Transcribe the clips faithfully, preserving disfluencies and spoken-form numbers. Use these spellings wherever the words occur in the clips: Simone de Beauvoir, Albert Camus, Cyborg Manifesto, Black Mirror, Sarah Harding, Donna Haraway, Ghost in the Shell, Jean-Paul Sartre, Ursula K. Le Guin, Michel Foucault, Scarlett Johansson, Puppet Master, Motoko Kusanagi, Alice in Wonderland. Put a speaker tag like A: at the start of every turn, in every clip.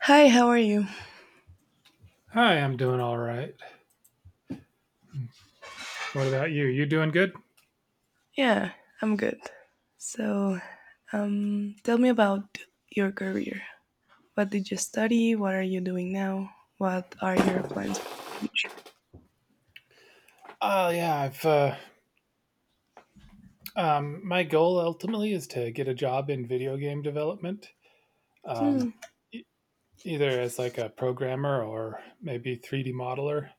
A: Hi, how are you?
B: Hi, I'm doing all right. What about you? You doing good?
A: Yeah, I'm good. So, um, tell me about your career. What did you study? What are you doing now? What are your plans for the future?
B: Uh, yeah, I've uh, um, My goal ultimately is to get a job in video game development, um,
A: Hmm.
B: e- either as like a programmer or maybe three D modeler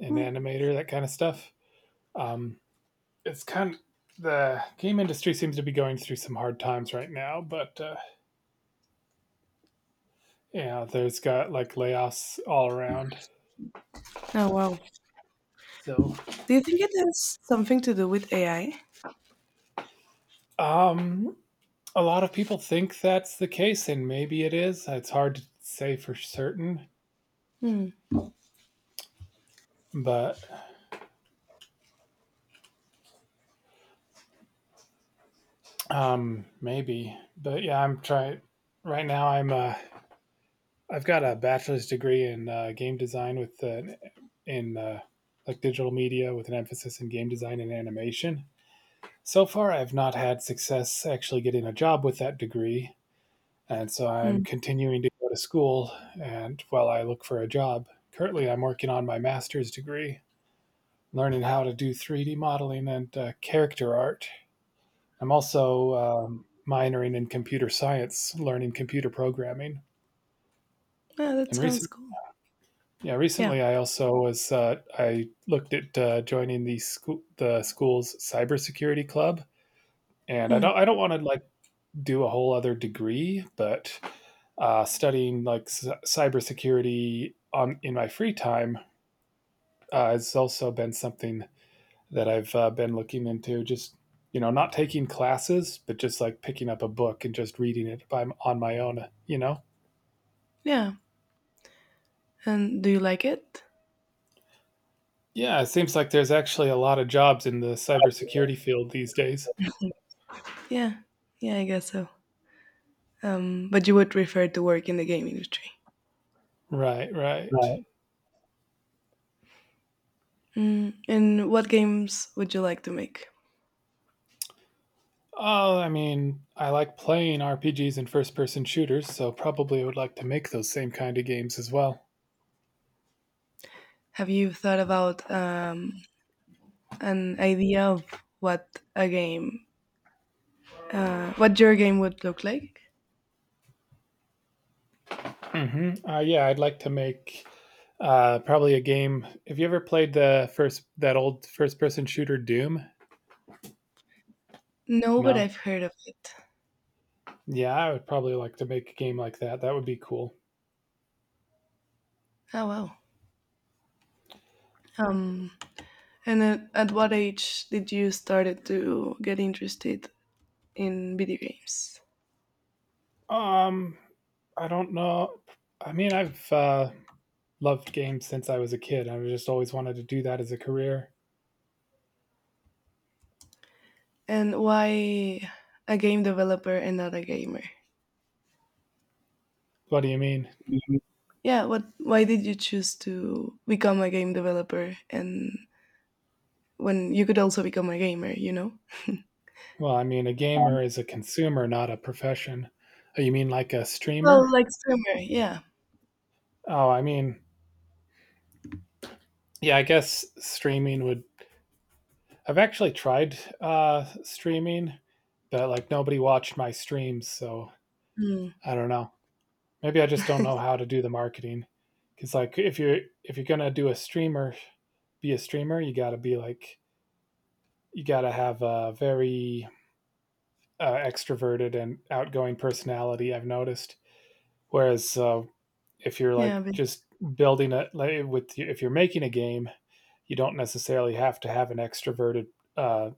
B: and animator, that kind of stuff. Um, it's kind of The game industry seems to be going through some hard times right now, but uh, yeah, there's got like layoffs all around.
A: Oh, wow.
B: So,
A: Do you think it has something to do with A I?
B: um, a lot of people think that's the case, and maybe it is. It's hard to say for certain,
A: Hmm.
B: but um, maybe. But yeah, I'm trying right now. I'm uh, I've got a bachelor's degree in uh, game design with an in uh, like digital media with an emphasis in game design and animation. So far, I've not had success actually getting a job with that degree, and so I'm
A: Hmm.
B: continuing to go to school and while I look for a job. Currently, I'm working on my master's degree learning how to do three D modeling and uh, character art. I'm also um, minoring in computer science, learning computer programming.
A: Yeah, that
B: And
A: sounds
B: recent,
A: cool.
B: yeah,
A: Yeah.
B: recently I also was uh, I looked at uh, joining the school the school's cybersecurity club. And I don't
A: Hmm.
B: I don't want to like do a whole other degree, but uh, studying like c- cybersecurity on in my free time uh, has also been something that I've uh, been looking into. Just you know, not taking classes, but just like picking up a book and just reading it by on my own. You know,
A: Yeah. And do you like it?
B: yeah, it seems like there's actually a lot of jobs in the cybersecurity field these days.
A: Yeah. Yeah, I guess so. Um, but you would prefer to work in the game industry.
B: Right, right.
A: Right. Mm, and what games would you like to make?
B: Oh, I mean, I like playing R P Gs and first-person shooters, so probably I would like to make those same kind of games as well.
A: Have you thought about um, an idea of what a game, uh, what your game would look like?
B: hmm Uh, yeah, I'd like to make uh, probably a game. Have you ever played the first that old first-person shooter Doom?
A: No, but
B: No.
A: I've heard of it.
B: Yeah, I would probably like to make a game like that. That would be cool.
A: Oh, wow. Um, and at, at what age did you started to get interested in video games?
B: Um, I don't know. I mean, I've uh, loved games since I was a kid. I've just always wanted to do that as a career.
A: And why a game developer and not a gamer?
B: What do you mean?
A: Mhm. Yeah, what? Why did you choose to become a game developer and when you could also become a gamer? You know.
B: Well, I mean, a
A: Um,
B: gamer is a consumer, not a profession. Oh, you mean like a
A: Well,
B: streamer?
A: like streamer, yeah.
B: Oh, I mean, yeah, I guess streaming would. I've actually tried uh, streaming, but like nobody watched my streams, so
A: Mm.
B: I don't know. Maybe I just don't know how to do the marketing. Cause like if you're if you're gonna do a streamer, be a streamer, you gotta be like you gotta have a very uh, extroverted and outgoing personality. I've noticed. Whereas uh, if you're
A: Yeah,
B: like
A: but
B: just building it like with if you're making a game, you don't necessarily have to have an extroverted, uh,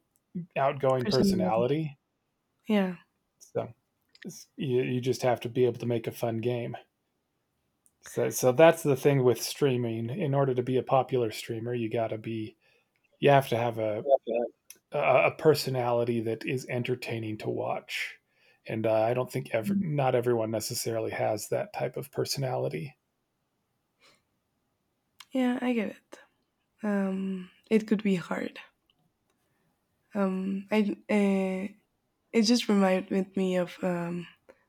B: outgoing
A: personality.
B: personality.
A: Yeah.
B: So you you just have to be able to make a fun game. So so that's the thing with streaming. In order to be a popular streamer, you got to be you have to have a
A: Yeah, yeah.
B: a a personality that is entertaining to watch. And uh, I don't think ever not everyone necessarily has that type of personality.
A: Yeah, I get it. Um, it could be hard. Um, I uh, it just reminded me of. Um,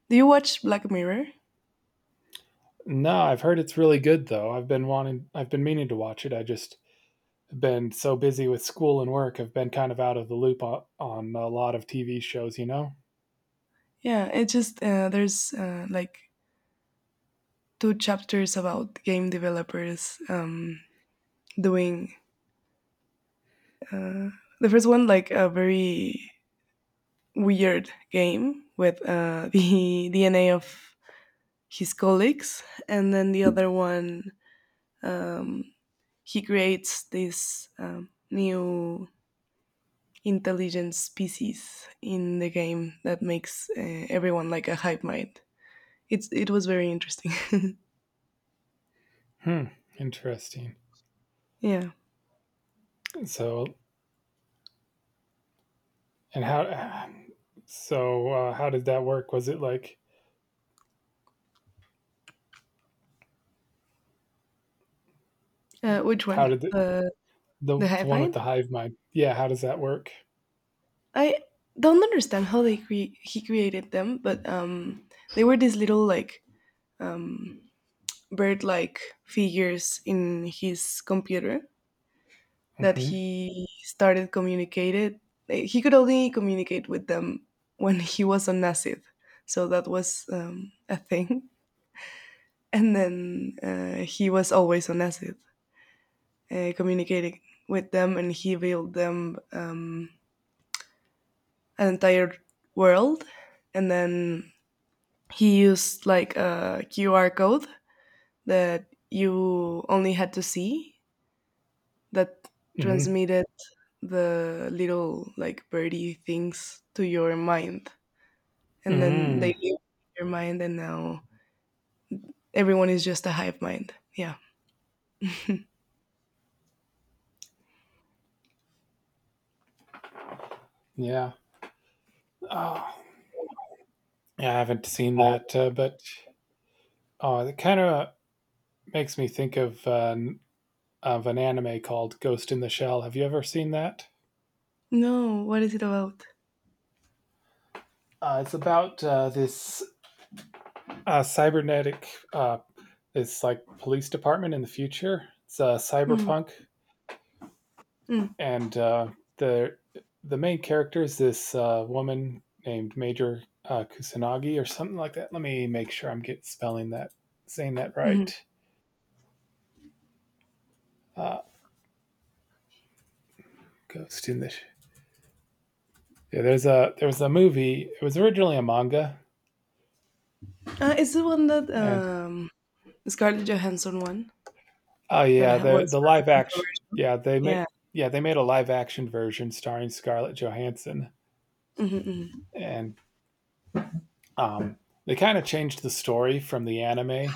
A: Do you watch Black Mirror?
B: No, I've heard it's really good though. I've been wanting I've been meaning to watch it. I just been so busy with school and work. I've been kind of out of the loop on, on a lot of T V shows, you know.
A: Yeah, it just uh, there's uh, like two chapters about game developers um, doing uh, the first one like a very weird game with uh, the D N A of his colleagues, and then the other one. Um, he creates this um, new intelligent species in the game that makes uh, everyone like a hive mind. It's it was very interesting.
B: Hmm, interesting.
A: Yeah.
B: So And how? So uh, how did that work? Was it like
A: Uh, which
B: How
A: one?
B: did the
A: The
B: the,
A: the
B: the
A: hive
B: one with
A: mind?
B: the hive mind? Yeah, how does that work?
A: I don't understand how they cre- he created them, but um, they were these little like um, bird like figures in his computer that
B: hmm
A: he started communicated eh, he could only communicate with them when he was on Nasib. So that was um, a thing. And then uh, he was always on Nasib, uh, communicating with them, and he built them um, an entire world. And then he used like a Q R code that you only had to see, that
B: hmm
A: transmitted the little like birdie things to your mind, and then they
B: Mm,
A: live in your mind and now everyone is just a hive mind. Yeah.
B: yeah. Oh, yeah, I haven't seen
A: Uh,
B: that, uh, but oh, it kind of makes me think of uh, of an anime called Ghost in the Shell. Have you ever seen that?
A: no, what is it about?
B: Uh, it's about uh, this uh, cybernetic, uh, this like police department in the future. It's uh,
A: Mm.
B: cyberpunk,
A: Mm.
B: and uh, the the main character is this uh, woman named Major uh, Kusanagi or something like that. Let me make sure I'm get spelling that saying that
A: Mhm.
B: right. Uh, Ghost in the Yeah. There's a there was a movie. It was originally a manga,
A: Uh, it's the one that
B: and
A: um Scarlett Johansson one,
B: oh
A: that
B: yeah,
A: ha-
B: the
A: was
B: the
A: very
B: live action.
A: controversial.
B: Yeah, they
A: Yeah.
B: made yeah they made a live action version starring Scarlett Johansson,
A: Hmm.
B: and um, they kind of changed the story from the anime,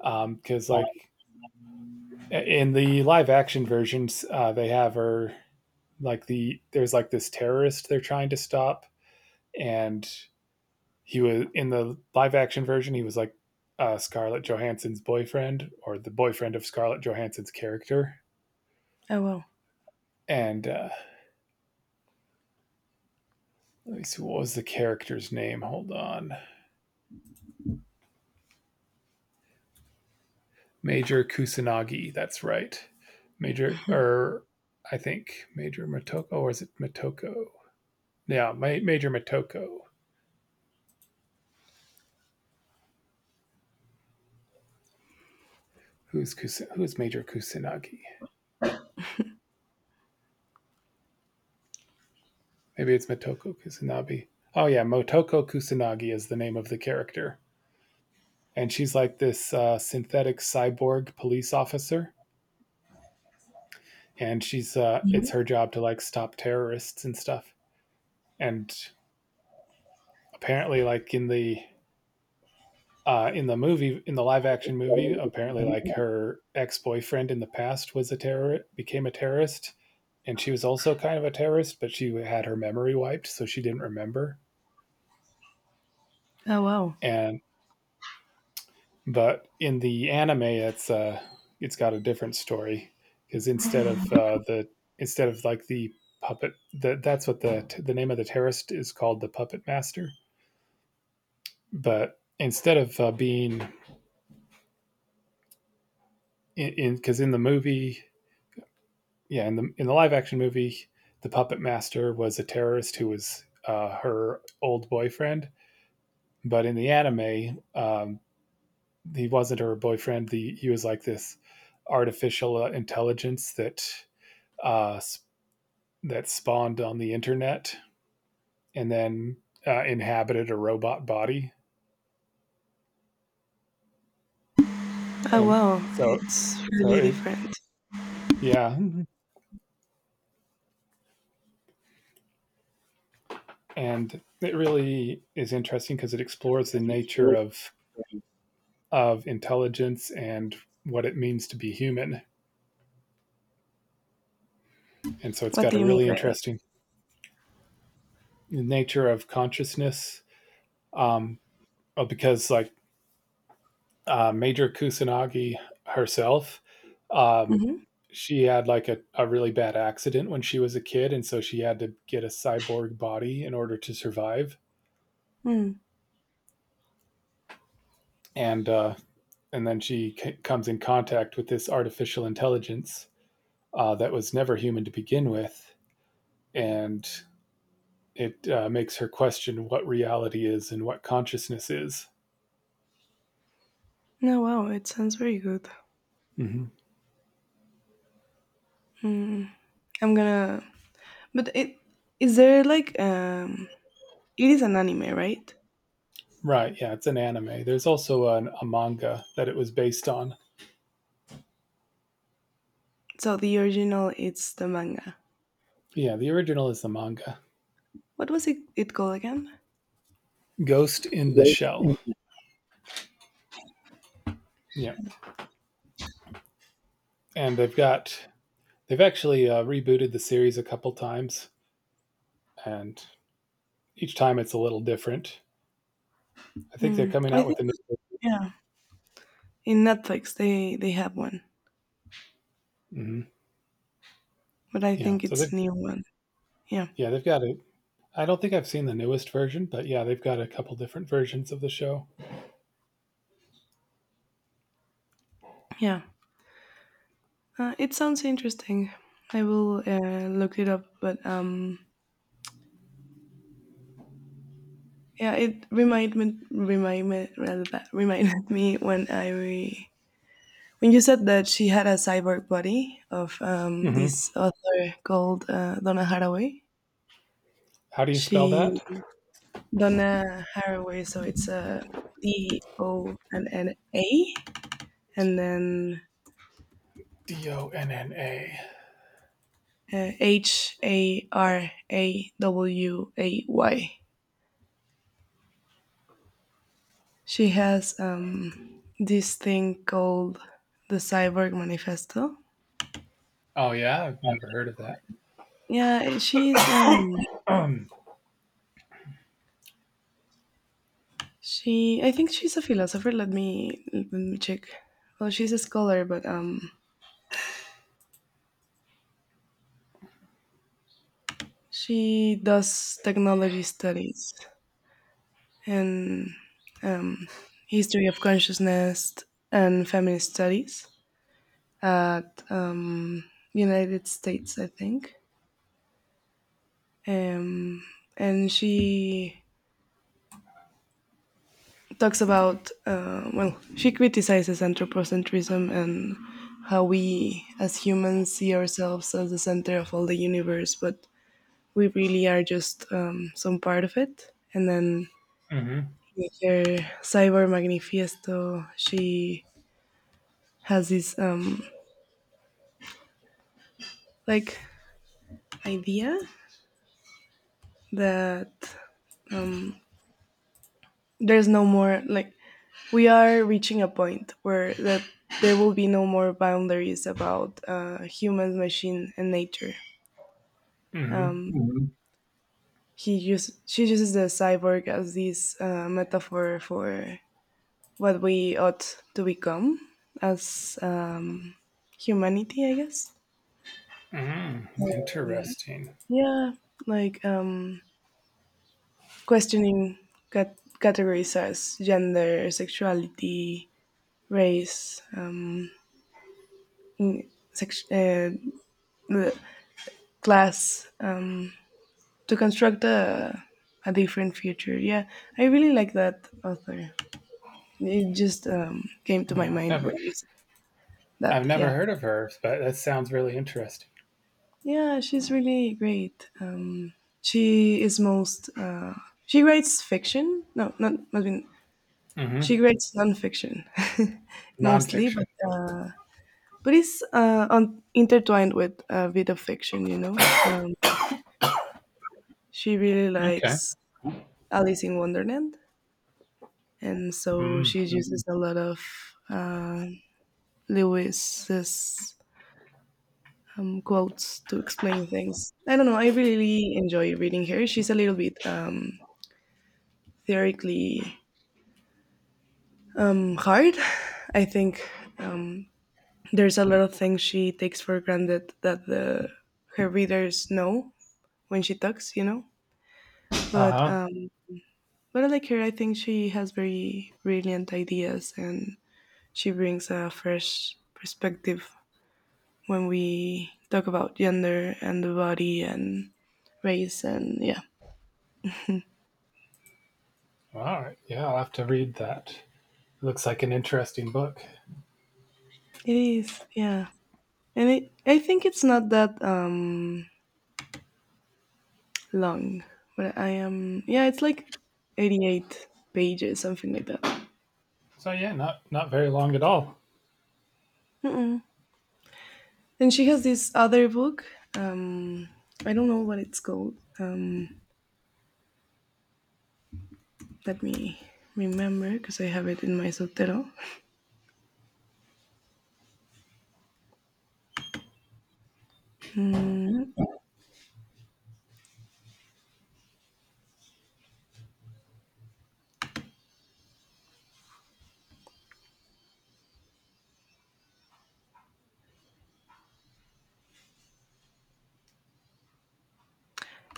B: um, because like in the live action versions, uh, they have her like the there's like this terrorist they're trying to stop, and he was in the live action version. He was like uh, Scarlett Johansson's boyfriend, or the boyfriend of Scarlett Johansson's character.
A: Oh, wow.
B: And uh, let me see, what was the character's name, hold on? Major Kusanagi, that's right. major or I think Major Motoko, or is it Motoko? Yeah, Ma- Major Motoko. Who's Kus- who's Major Kusanagi? Maybe it's Motoko Kusanagi. Oh yeah, Motoko Kusanagi is the name of the character, and she's like this uh, synthetic cyborg police officer, and she's uh, it's
A: Mhm.
B: her job to like stop terrorists and stuff. And apparently, like in the uh, in the movie, in the live action movie, apparently, like her ex boyfriend in the past was a terrorist, became a terrorist, and she was also kind of a terrorist, but she had her memory wiped, so she didn't remember.
A: Oh, wow.
B: And but in the anime, it's uh it's got a different story, because instead of uh the instead of like the puppet, that that's what the the name of the terrorist is called, the puppet master. But instead of uh, being in because in, in the movie, yeah, in the in the live action movie, the puppet master was a terrorist who was uh, her old boyfriend. But in the anime, um, he wasn't her boyfriend. The, he was like this artificial uh, intelligence that uh, that spawned on the internet, and then uh, inhabited a robot body,
A: Oh,
B: and
A: wow.
B: so
A: It's
B: so
A: really
B: it
A: different.
B: yeah, and it really is interesting because it explores the nature of of intelligence and what it means to be human, and so it's
A: What
B: got
A: do
B: a
A: you mean
B: really
A: by that?
B: interesting nature of consciousness. um, uh, because like uh, Major Kusanagi herself. Um,
A: Mm-hmm.
B: she had like a, a really bad accident when she was a kid, and so she had to get a cyborg body in order to survive.
A: Mm.
B: And uh, and then she c- comes in contact with this artificial intelligence uh, that was never human to begin with, and it uh, makes her question what reality is and what consciousness is.
A: No, wow, it sounds very good.
B: hmm
A: Mm. I'm gonna. But it, is there like um. It is an anime, right?
B: Right? Yeah, it's an anime. There's also an, a manga that it was based on.
A: So the original, it's the manga.
B: Yeah, the original is the manga.
A: What was it? It called again?
B: Ghost in the
A: Ghost
B: Shell.
A: in the.
B: Yeah, and they've got they've actually uh, rebooted the series a couple times, and each time it's a little different. I think they're
A: Mm.
B: coming
A: I
B: out
A: think,
B: with a new.
A: yeah. In Netflix, they they have one,
B: hmm
A: but I
B: Yeah,
A: think
B: so
A: it's
B: they've
A: new one. Yeah,
B: yeah they've got it. I don't think I've seen the newest version, but yeah, they've got a couple different versions of the show.
A: yeah. Uh, it sounds interesting. I will uh, look it up, but um, yeah, it reminded me, remind me rather, that reminded me when I When you said that she had a cyborg body of um,
B: hmm
A: this author called uh, Donna Haraway,
B: How do you
A: she
B: spell that?
A: Donna Haraway, so it's a D O N N A, and then
B: D O N N A.
A: uh, H A R A W A Y. She has um, this thing called the Cyborg Manifesto.
B: Oh yeah, I've never heard of that.
A: Yeah, she's um,
B: Um.
A: she, I think she's a philosopher. Let me let me check. Well, she's a scholar, but um, she does technology studies and um, history of consciousness and feminist studies at um, United States, I think. Um, and she talks about uh, well, she criticizes anthropocentrism and how we as humans see ourselves as the center of all the universe, but we really are just um, some part of it. And then
B: hmm
A: with her cyber manifiesto, she has this um, like idea that there's no more, like, we are reaching a point where that there will be no more boundaries about uh, humans, machine, and nature.
B: hmm
A: He use, she uses the cyborg as this uh, metaphor for what we ought to become as um, humanity, I guess.
B: hmm Interesting.
A: Yeah, like um, questioning cat- categories as gender, sexuality, race, um, in- sex- uh, the class, um, to construct a, a different future. Yeah, I really like that author. It just um, came to my
B: Yeah, I've
A: mind
B: never
A: when you said that.
B: I've never
A: Yeah.
B: heard of her, but that sounds really interesting.
A: Yeah, she's really great. Um, she is most. Uh, she writes fiction. No, not not she
B: Mhm.
A: writes nonfiction mostly,
B: Nonfiction.
A: but uh, but it's uh, on, intertwined with a bit of fiction, you know. Um, she really
B: Okay.
A: likes Alice in Wonderland, and so
B: Mm.
A: she uses a lot of uh, Lewis's um, quotes to explain things. I don't know. I really enjoy reading her. She's a little bit um, theoretically um, hard, I think. Um, There's a lot of things she takes for granted that the her readers know when she talks, you know. But
B: Uh-huh.
A: um, but I like her. I think she has very brilliant ideas, and she brings a fresh perspective when we talk about gender and the body and race and, yeah,
B: All right. Yeah, I'll have to read that. Looks like an interesting book.
A: it is, yeah. And it, I think it's not that um long, but I am, yeah. It's like eighty-eight pages, something like that.
B: So yeah, not not very long at all.
A: And she has this other book. Um, I don't know what it's called. Um, let me remember, because I have it in my sotero.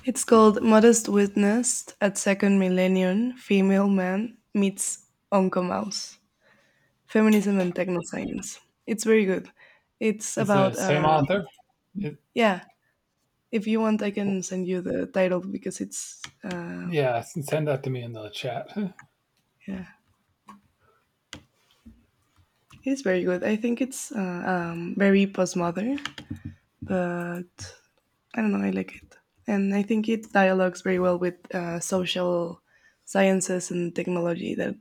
A: It's called Modest Witness at Second Millennium Female Man Meets Onco Mouse Feminism and Technoscience. It's very good. It's
B: Is the
A: about,
B: same
A: uh,
B: author? It,
A: yeah, if you want, I can send you the title because it's, uh,
B: yeah, s- send that to me in the chat.
A: yeah, it's very good. I think it's uh, um, very postmodern, but I don't know. I like it, and I think it dialogues very well with uh, social sciences and technology. That,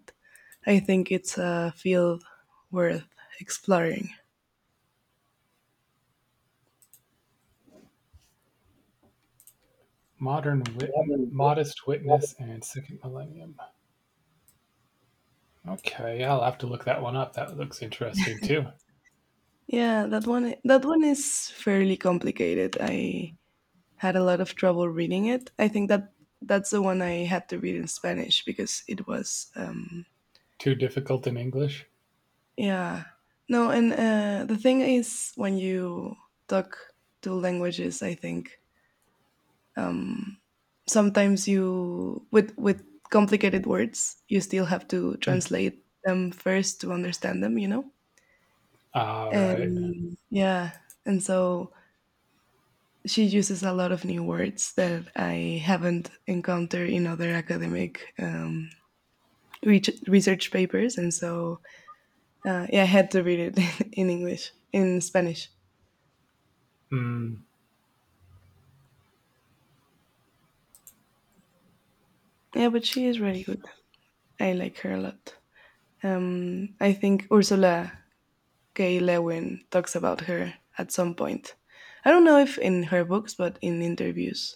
A: I think, it's a field worth exploring.
B: Modern wit, modest witness, and second millennium. Okay, I'll have to look that one up. That looks interesting too.
A: Yeah, that one, that one is fairly complicated. I had a lot of trouble reading it. I think that that's the one I had to read in Spanish because it was um,
B: Too difficult in English.
A: yeah. No, and uh, the thing is, when you talk two languages, I think um, sometimes you, with with complicated words, you still have to
B: Hmm.
A: translate them first to understand them. You know,
B: All right.
A: and, yeah, and so she uses a lot of new words that I haven't encountered in other academic um, reach research papers, and so uh, yeah, I had to read it in English, in Spanish.
B: Mm.
A: Yeah, but she is really good. I like her a lot. Um, I think Ursula K. Le Guin talks about her at some point. I don't know if in her books, but in interviews,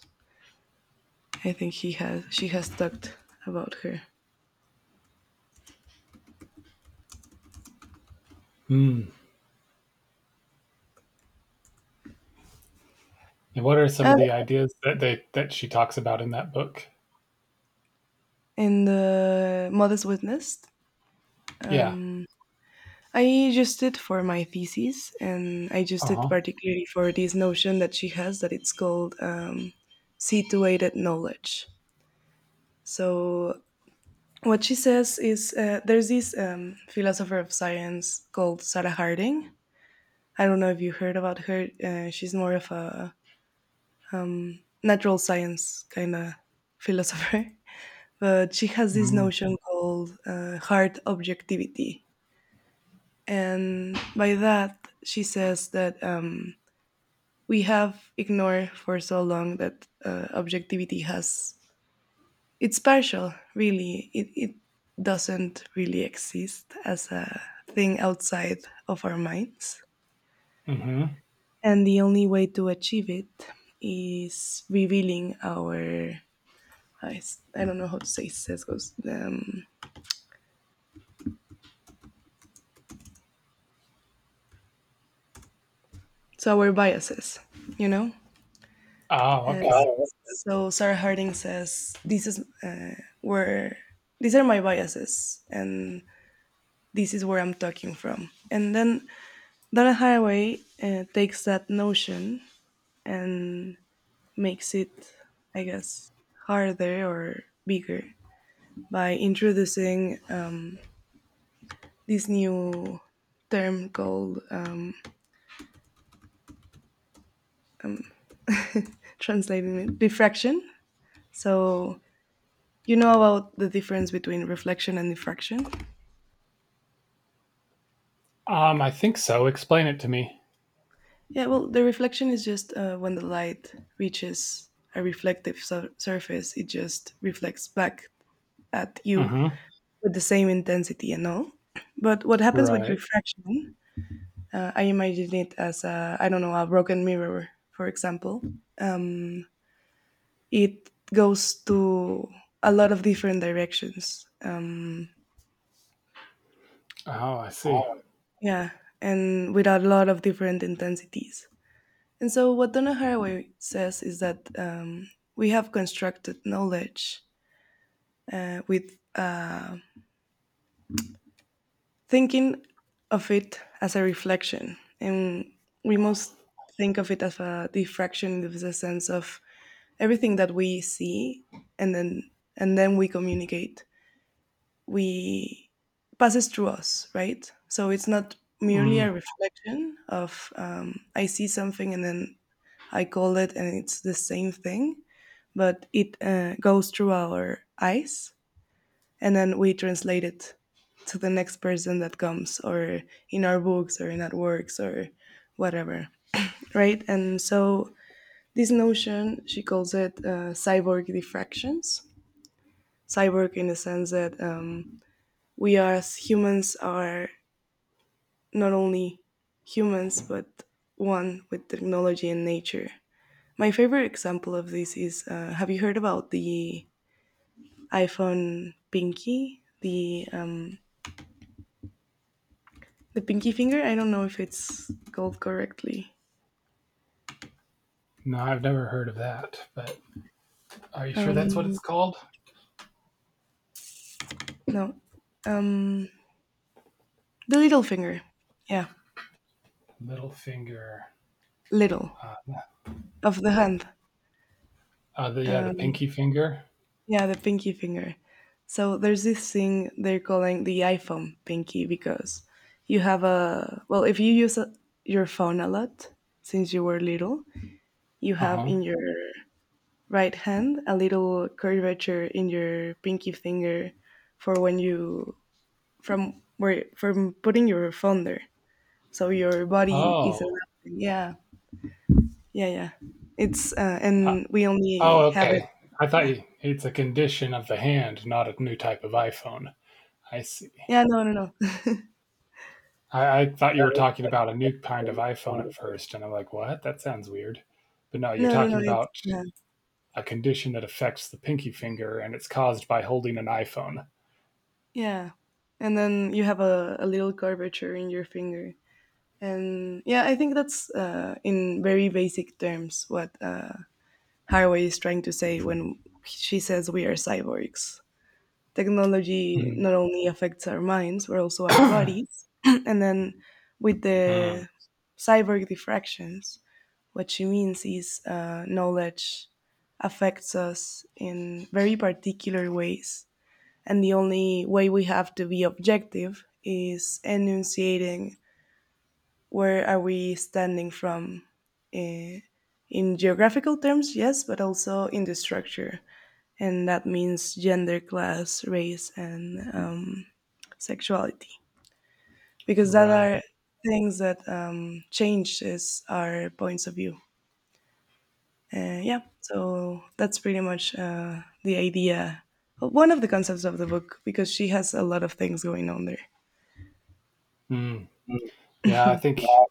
A: I think he has she has talked about her.
B: Mm. And what are some of
A: Um,
B: the ideas that they that she talks about in that book?
A: in the Modest Witness,
B: Yeah.
A: um, I used it for my thesis, and I used it
B: Uh-huh.
A: particularly for this notion that she has that it's called um, situated knowledge. So what she says is uh, there's this um, philosopher of science called Sarah Harding. I don't know if you heard about her. Uh, she's more of a natural science kind of philosopher, but she has this
B: Mm.
A: notion called uh, hard objectivity. And by that, she says that um, we have ignored for so long that uh, objectivity has, it's partial, really, it, it doesn't really exist as a thing outside of our minds,
B: Mhm.
A: and the only way to achieve it is revealing our i, s- I don't know how to say sesgos, um, so our biases, you know
B: Oh,
A: And
B: okay.
A: so Sarah Harding says this is uh, where these are my biases and this is where I'm talking from. And then Donna Haraway uh, takes that notion and makes it, I guess, harder or bigger, by introducing um, this new term called, um, translating it, diffraction. So you know about the difference between reflection and diffraction.
B: Um, I think so. Explain it to me.
A: Yeah, well, the reflection is just uh, when the light reaches a reflective sur- surface, it just reflects back at you
B: Mhm.
A: with the same intensity and all. But what happens with
B: Right.
A: refraction? Uh, I imagine it as a, I don't know, a broken mirror, for example. Um, it goes to a lot of different directions. Um,
B: Oh, I see.
A: yeah, and with a lot of different intensities. And so, what Donna Haraway says is that um, we have constructed knowledge, uh, with uh, thinking of it as a reflection, and we must think of it as a diffraction in the sense of everything that we see, and then and then we communicate, we passes through us, right? So it's not merely
B: Mm.
A: a reflection of, um, I see something and then I call it and it's the same thing, but it uh, goes through our eyes and then we translate it to the next person that comes, or in our books or in our works or whatever, right? And so this notion, she calls it uh, cyborg diffractions, cyborg in the sense that um, we are, as humans, are not only humans, but one with technology and nature. My favorite example of this is uh, have you heard about the iPhone pinky? The um, the pinky finger? I don't know if it's called correctly.
B: No, I've never heard of that, but are you sure that's what
A: Um,
B: it's called?
A: no. Um, the little finger. Yeah,
B: Middle finger.
A: little
B: Uh,
A: of the hand.
B: uh, the Yeah, the
A: Uh,
B: pinky finger.
A: Yeah, the pinky finger. So there's this thing they're calling the iPhone pinky because you have a well, if you use a, your phone a lot since you were little, you have
B: Uh-huh.
A: in your right hand a little curvature in your pinky finger for when you from where from putting your phone there. So your body is
B: Oh.
A: adapting. Yeah, yeah, yeah. It's uh,
B: Uh,
A: and we
B: oh,
A: only have it.
B: okay. I thought
A: Yeah,
B: you, it's a condition of the hand, not a new type of iPhone. I see.
A: yeah. No, no,
B: I, I thought you were talking about a new kind of iPhone
A: no.
B: at first, and I'm like, what? That sounds weird. But no, you're
A: No, no, no.
B: talking
A: It's
B: about
A: yeah,
B: a condition that affects the pinky finger, and it's caused by holding an iPhone.
A: yeah. And then you have a, a little curvature in your finger, and yeah, I think that's uh, in very basic terms what uh, Haraway is trying to say when she says we are cyborgs. Technology
B: Mm,
A: not only affects our minds but also our bodies, and then with
B: mm.
A: the cyborg diffractions, what she means is uh, knowledge affects us in very particular ways. And the only way we have to be objective is enunciating where are we standing from uh, in geographical terms, yes, but also in the structure. And that means gender, class, race, and um, sexuality. Because that
B: Right.
A: are things that um, changes our points of view. Uh, yeah, so that's pretty much uh, the idea. One of the concepts of the book, because she has a lot of things going on there.
B: Mm.
A: Mm.
B: Yeah, I think.
A: Yeah.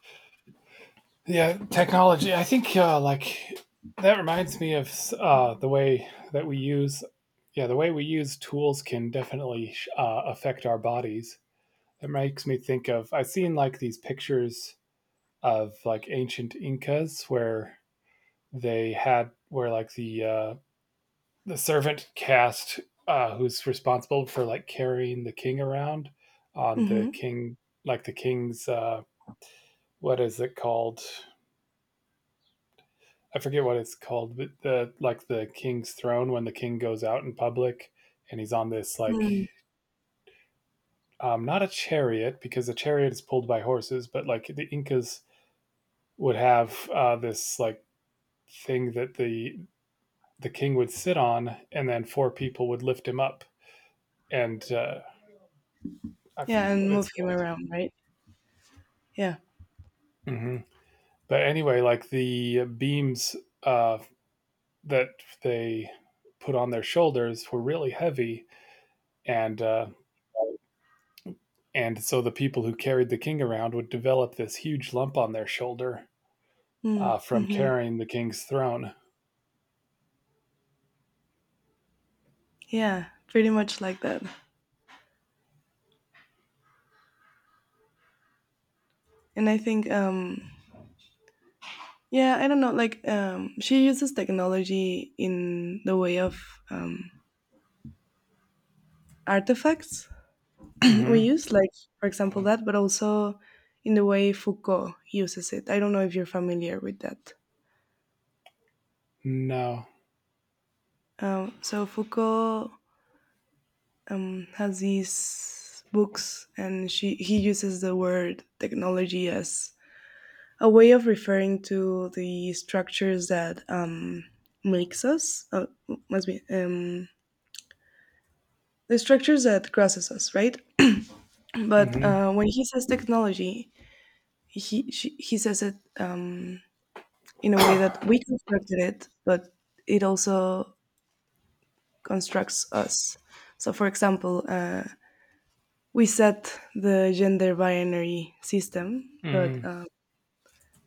B: Yeah, technology. I think uh, like that reminds me of uh, the way that we use. Yeah, the way we use tools can definitely uh, affect our bodies. It makes me think of I've seen like these pictures of like ancient Incas where they had where like the uh, the servant cast, uh, who's responsible for like carrying the king around, on the
A: Mhm.
B: king like the king's, uh, what is it called I forget what it's called, but the like the king's throne. When the king goes out in public and he's on this like
A: Mm.
B: um, not a chariot, because a chariot is pulled by horses, but like the Incas would have uh, this like thing that the the king would sit on, and then four people would lift him up, and uh, I
A: Yeah, mhm,
B: forget
A: and
B: what
A: move
B: it's
A: him
B: called.
A: around, right? Yeah.
B: hmm But anyway, like the beams uh, that they put on their shoulders were really heavy, and uh, and so the people who carried the king around would develop this huge lump on their shoulder, uh,
A: Mm.
B: from
A: Mhm.
B: carrying the king's throne.
A: Yeah, pretty much like that. And I think um yeah, I don't know, like um she uses technology in the way of um artifacts we
B: Mm-hmm.
A: use, like for example that, but also in the way Foucault uses it. I don't know if you're familiar with that.
B: No.
A: Um so Foucault um has these books and she he uses the word technology as a way of referring to the structures that um, makes us uh, must be um, the structures that crosses us right but
B: Mm-hmm.
A: uh, when he says technology he she, he says it um, in a way that we constructed it but it also constructs us. So for example uh, we set the gender binary system but
B: Mm-hmm.
A: uh,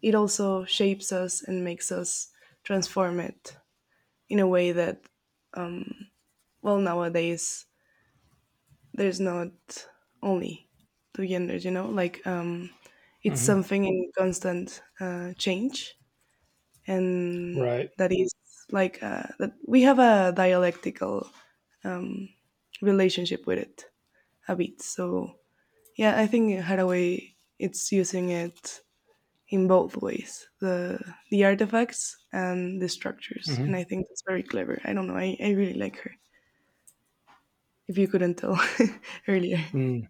A: it also shapes us and makes us transform it in a way that well nowadays there's not only two genders, you know, like um it's
B: Mm-hmm.
A: something in constant uh, change. And
B: Right.
A: that is like uh, that we have a dialectical um, relationship with it a bit. So yeah, I think Haraway it's using it in both ways, the the artifacts and the structures,
B: Mm-hmm.
A: and I think that's very clever. I don't know, i, I really like her if you couldn't tell earlier.
B: Mm.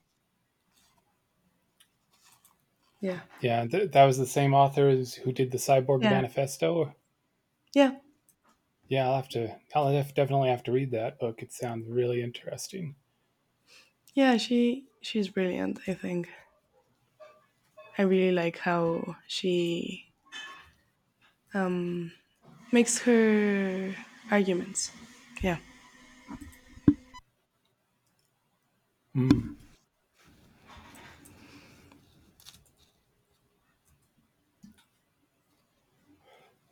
A: Yeah,
B: Yeah, th- that was the same author as who did the Cyborg
A: yeah.
B: Manifesto.
A: Yeah,
B: Yeah, I'll have to. I'll def- definitely have to read that book. It sounds really interesting.
A: yeah, she she's brilliant. I think I really like how she um, makes her arguments. Yeah.
B: Mm.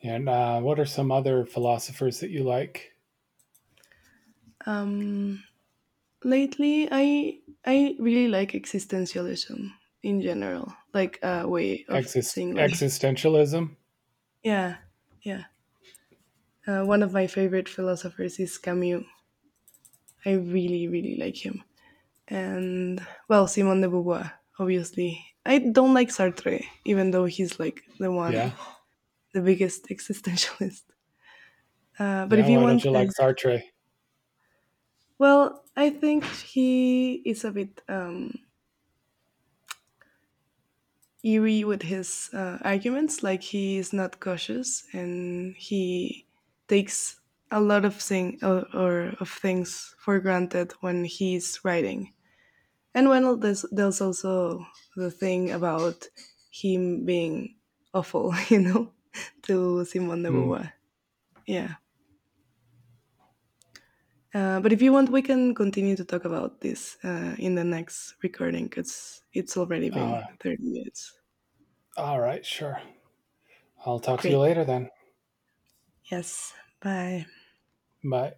B: And uh, what are some other philosophers that you like?
A: Um, lately, I I really like existentialism in general, like a way of
B: Exist-
A: seeing life.
B: existentialism.
A: Yeah, yeah. Uh, one of my favorite philosophers is Camus. I really, really like him. And well, Simone de Beauvoir, obviously. I don't like Sartre, even though he's like the one
B: Yeah.
A: the biggest existentialist. Uh, but
B: Yeah.
A: if you
B: Why don't you
A: want, uh,
B: like Sartre?
A: Well, I think he is a bit um, eerie with his uh, arguments. Like he is not cautious, and he takes a lot of thing or, or of things for granted when he's writing. And when there's, there's also the thing about him being awful, you know, to Simone de
B: Mm.
A: Beauvoir. Yeah. Uh, but if you want, we can continue to talk about this uh, in the next recording because it's already been
B: Uh,
A: thirty minutes.
B: all right. Sure. I'll talk to you
A: Great.
B: later then.
A: Yes. Bye.
B: Bye.